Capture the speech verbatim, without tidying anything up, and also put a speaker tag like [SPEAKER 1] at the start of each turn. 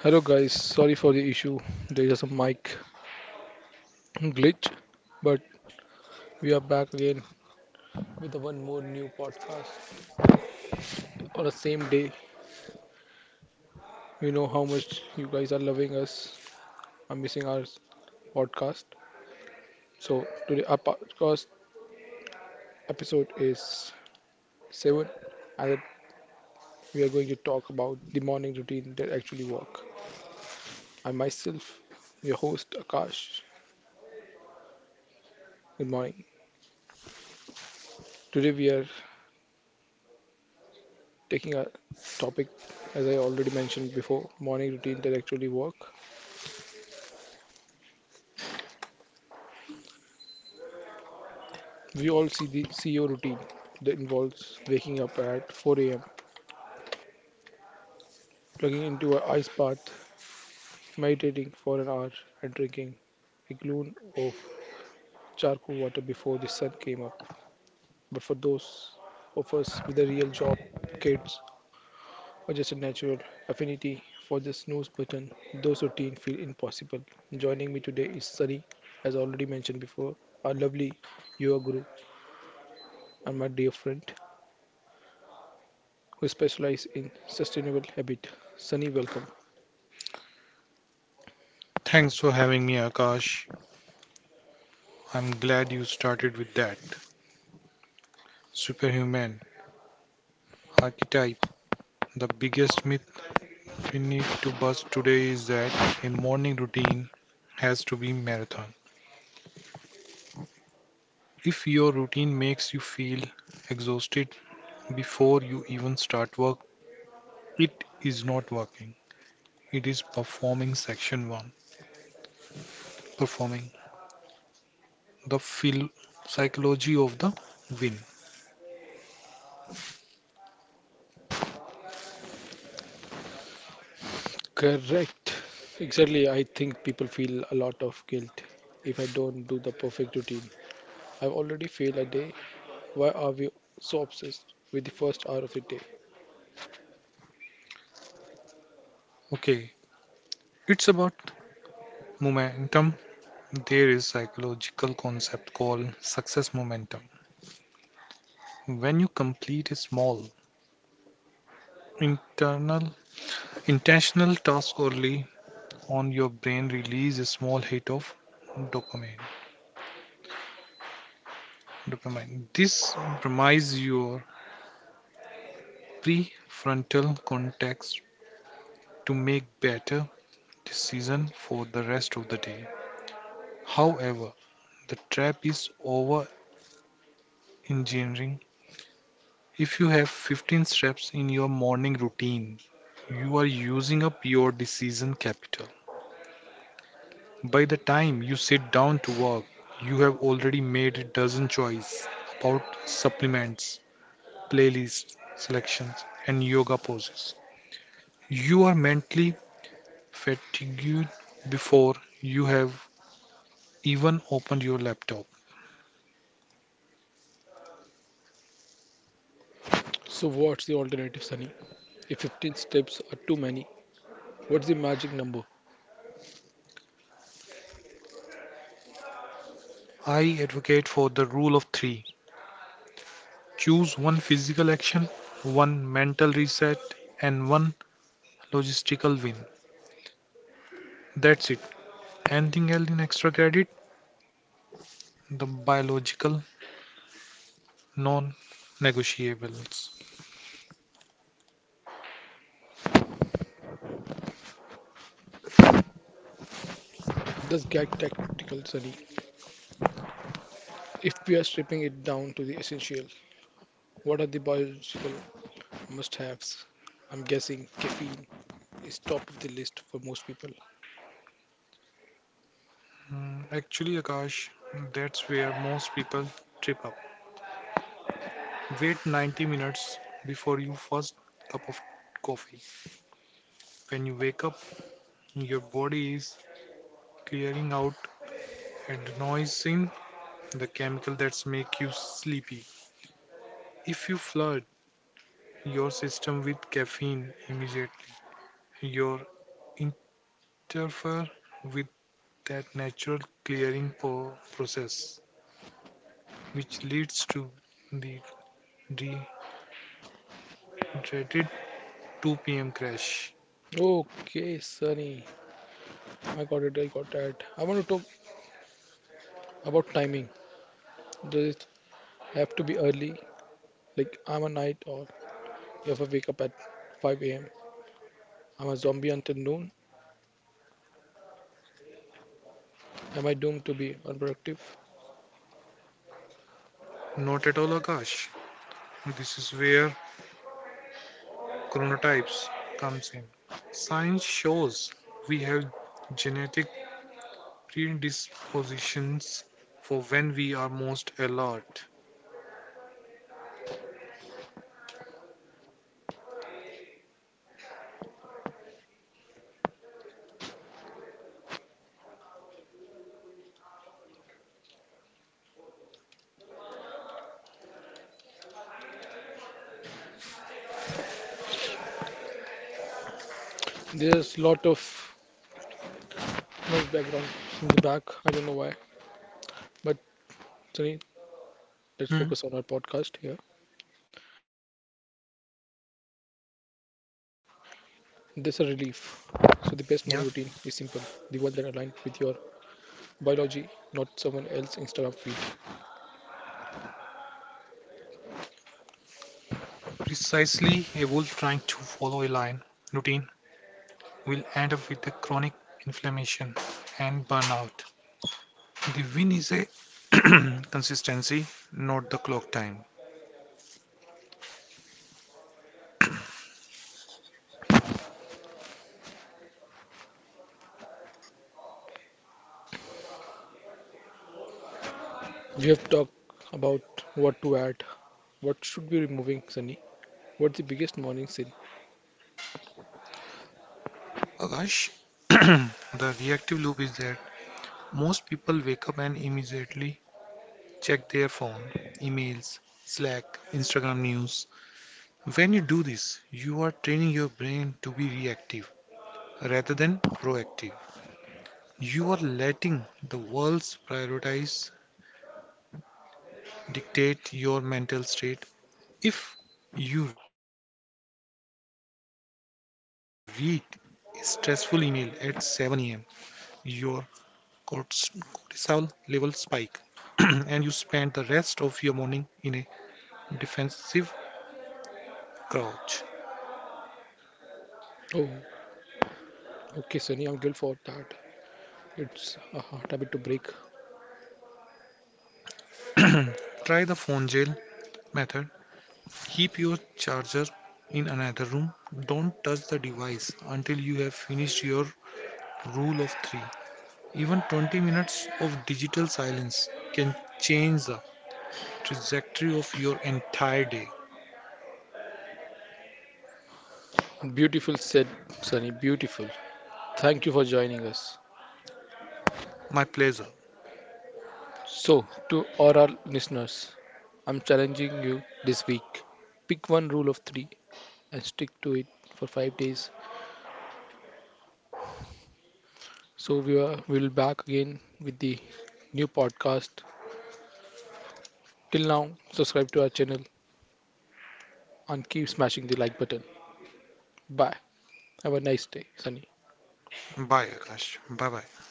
[SPEAKER 1] Hello guys, sorry for the issue. There is a mic glitch, but we are back again with the one more new podcast on the same day. We know how much you guys are loving us. I'm missing our podcast. So today our podcast episode is seven, and we are going to talk about the morning routine that actually work. I myself, your host Akash. Good morning. Today we are taking a topic, as I already mentioned before, morning routine that actually work. We all see the C E O routine that involves waking up at four a m, plugging into a ice bath, meditating for an hour, and drinking a gallon of charcoal water before the sun came up. But for those of us with a real job, kids, or just a natural affinity for the snooze button, those routines feel impossible. Joining me today is Sunny, as already mentioned before, our lovely yoga guru and my dear friend who specializes in sustainable habit. Sunny, welcome.
[SPEAKER 2] Thanks for having me, Akash. I'm glad you started with that. Superhuman archetype. The biggest myth we need to bust today is that a morning routine has to be marathon. If your routine makes you feel exhausted before you even start work, it is not working. It is performing section one, performing the phil- psychology of the win.
[SPEAKER 1] Correct. Exactly. I think people feel a lot of guilt if I don't do the perfect routine. I've already failed a day. Why are we so obsessed with the first hour of the day?
[SPEAKER 2] Okay, it's about momentum. There is psychological concept called success momentum. When you complete a small internal intentional task early on, your brain releases a small hit of dopamine. Dopamine. This primes your prefrontal cortex to make better decisions for the rest of the day. However, the trap is over engineering. If you have fifteen steps in your morning routine, you are using up your decision capital. By the time you sit down to work, you have already made a dozen choices about supplements, playlists, selections, and yoga poses. You are mentally fatigued before you have even opened your laptop.
[SPEAKER 1] So, what's the alternative, Sunny? If fifteen steps are too many, what's the magic number?
[SPEAKER 2] I advocate for the rule of three: choose one physical action, one mental reset, and one logistical win. That's it. Anything else in extra credit? The biological non-negotiables.
[SPEAKER 1] Let's get tactical, Sunny. If we are stripping it down to the essential, what are the biological must haves? I'm guessing caffeine is top of the list for most people.
[SPEAKER 2] Mm, Actually, Akash, that's where most people trip up. Wait ninety minutes before your first cup of coffee. When you wake up, your body is clearing out and noising the chemical that's make you sleepy. If you flood your system with caffeine immediately, your interfere with that natural clearing po- process, which leads to the de- dreaded two p m crash.
[SPEAKER 1] Okay, Sunny. I got it. I got that. I want to talk about timing. Does it have to be early? Like I'm a night owl. If I wake up at five a m, I'm a zombie until noon. Am I doomed to be unproductive?
[SPEAKER 2] Not at all, Akash. This is where chronotypes comes in. Science shows we have genetic predispositions for when we are most alert.
[SPEAKER 1] There's a lot of noise background in the back. I don't know why. But Sunny, let's focus on our podcast here.
[SPEAKER 2] Hmm.
[SPEAKER 1] This is a relief. So the best morning routine is simple. The one that aligns with your
[SPEAKER 2] Yeah,
[SPEAKER 1] biology, not someone else's Instagram feed.
[SPEAKER 2] precisely. A wolf trying to follow a lion routine will end up with a chronic inflammation and burnout. The win is a consistency, not the clock time.
[SPEAKER 1] We have talked about what to add. What should be removing, Sunny? What's the biggest morning sin?
[SPEAKER 2] Akash, the reactive loop is that most people wake up and immediately check their phone, emails, Slack, Instagram news. When you do this, you are training your brain to be reactive rather than proactive. You are letting the world's priorities dictate your mental state. If you read a stressful email at seven a m, your corts- cortisol level spike, and you spend the rest of your morning in a defensive crouch.
[SPEAKER 1] Oh, okay, Sunny, I'm guilt for that. It's a hard habit to break.
[SPEAKER 2] Try the phone jail method. Keep your charger in another room. Don't touch the device until you have finished your rule of three. Even twenty minutes of digital silence can change the trajectory of your entire day.
[SPEAKER 1] Beautiful said, Sunny. Beautiful. Thank you for joining us.
[SPEAKER 2] My pleasure.
[SPEAKER 1] So, to all our listeners, I'm challenging you this week. Pick one rule of three and stick to it for five days. So we are we will back again with the new podcast. Till now, subscribe to our channel, and keep smashing the like button. Bye. Have a nice day, Sunny.
[SPEAKER 2] Bye, Akash. Bye bye.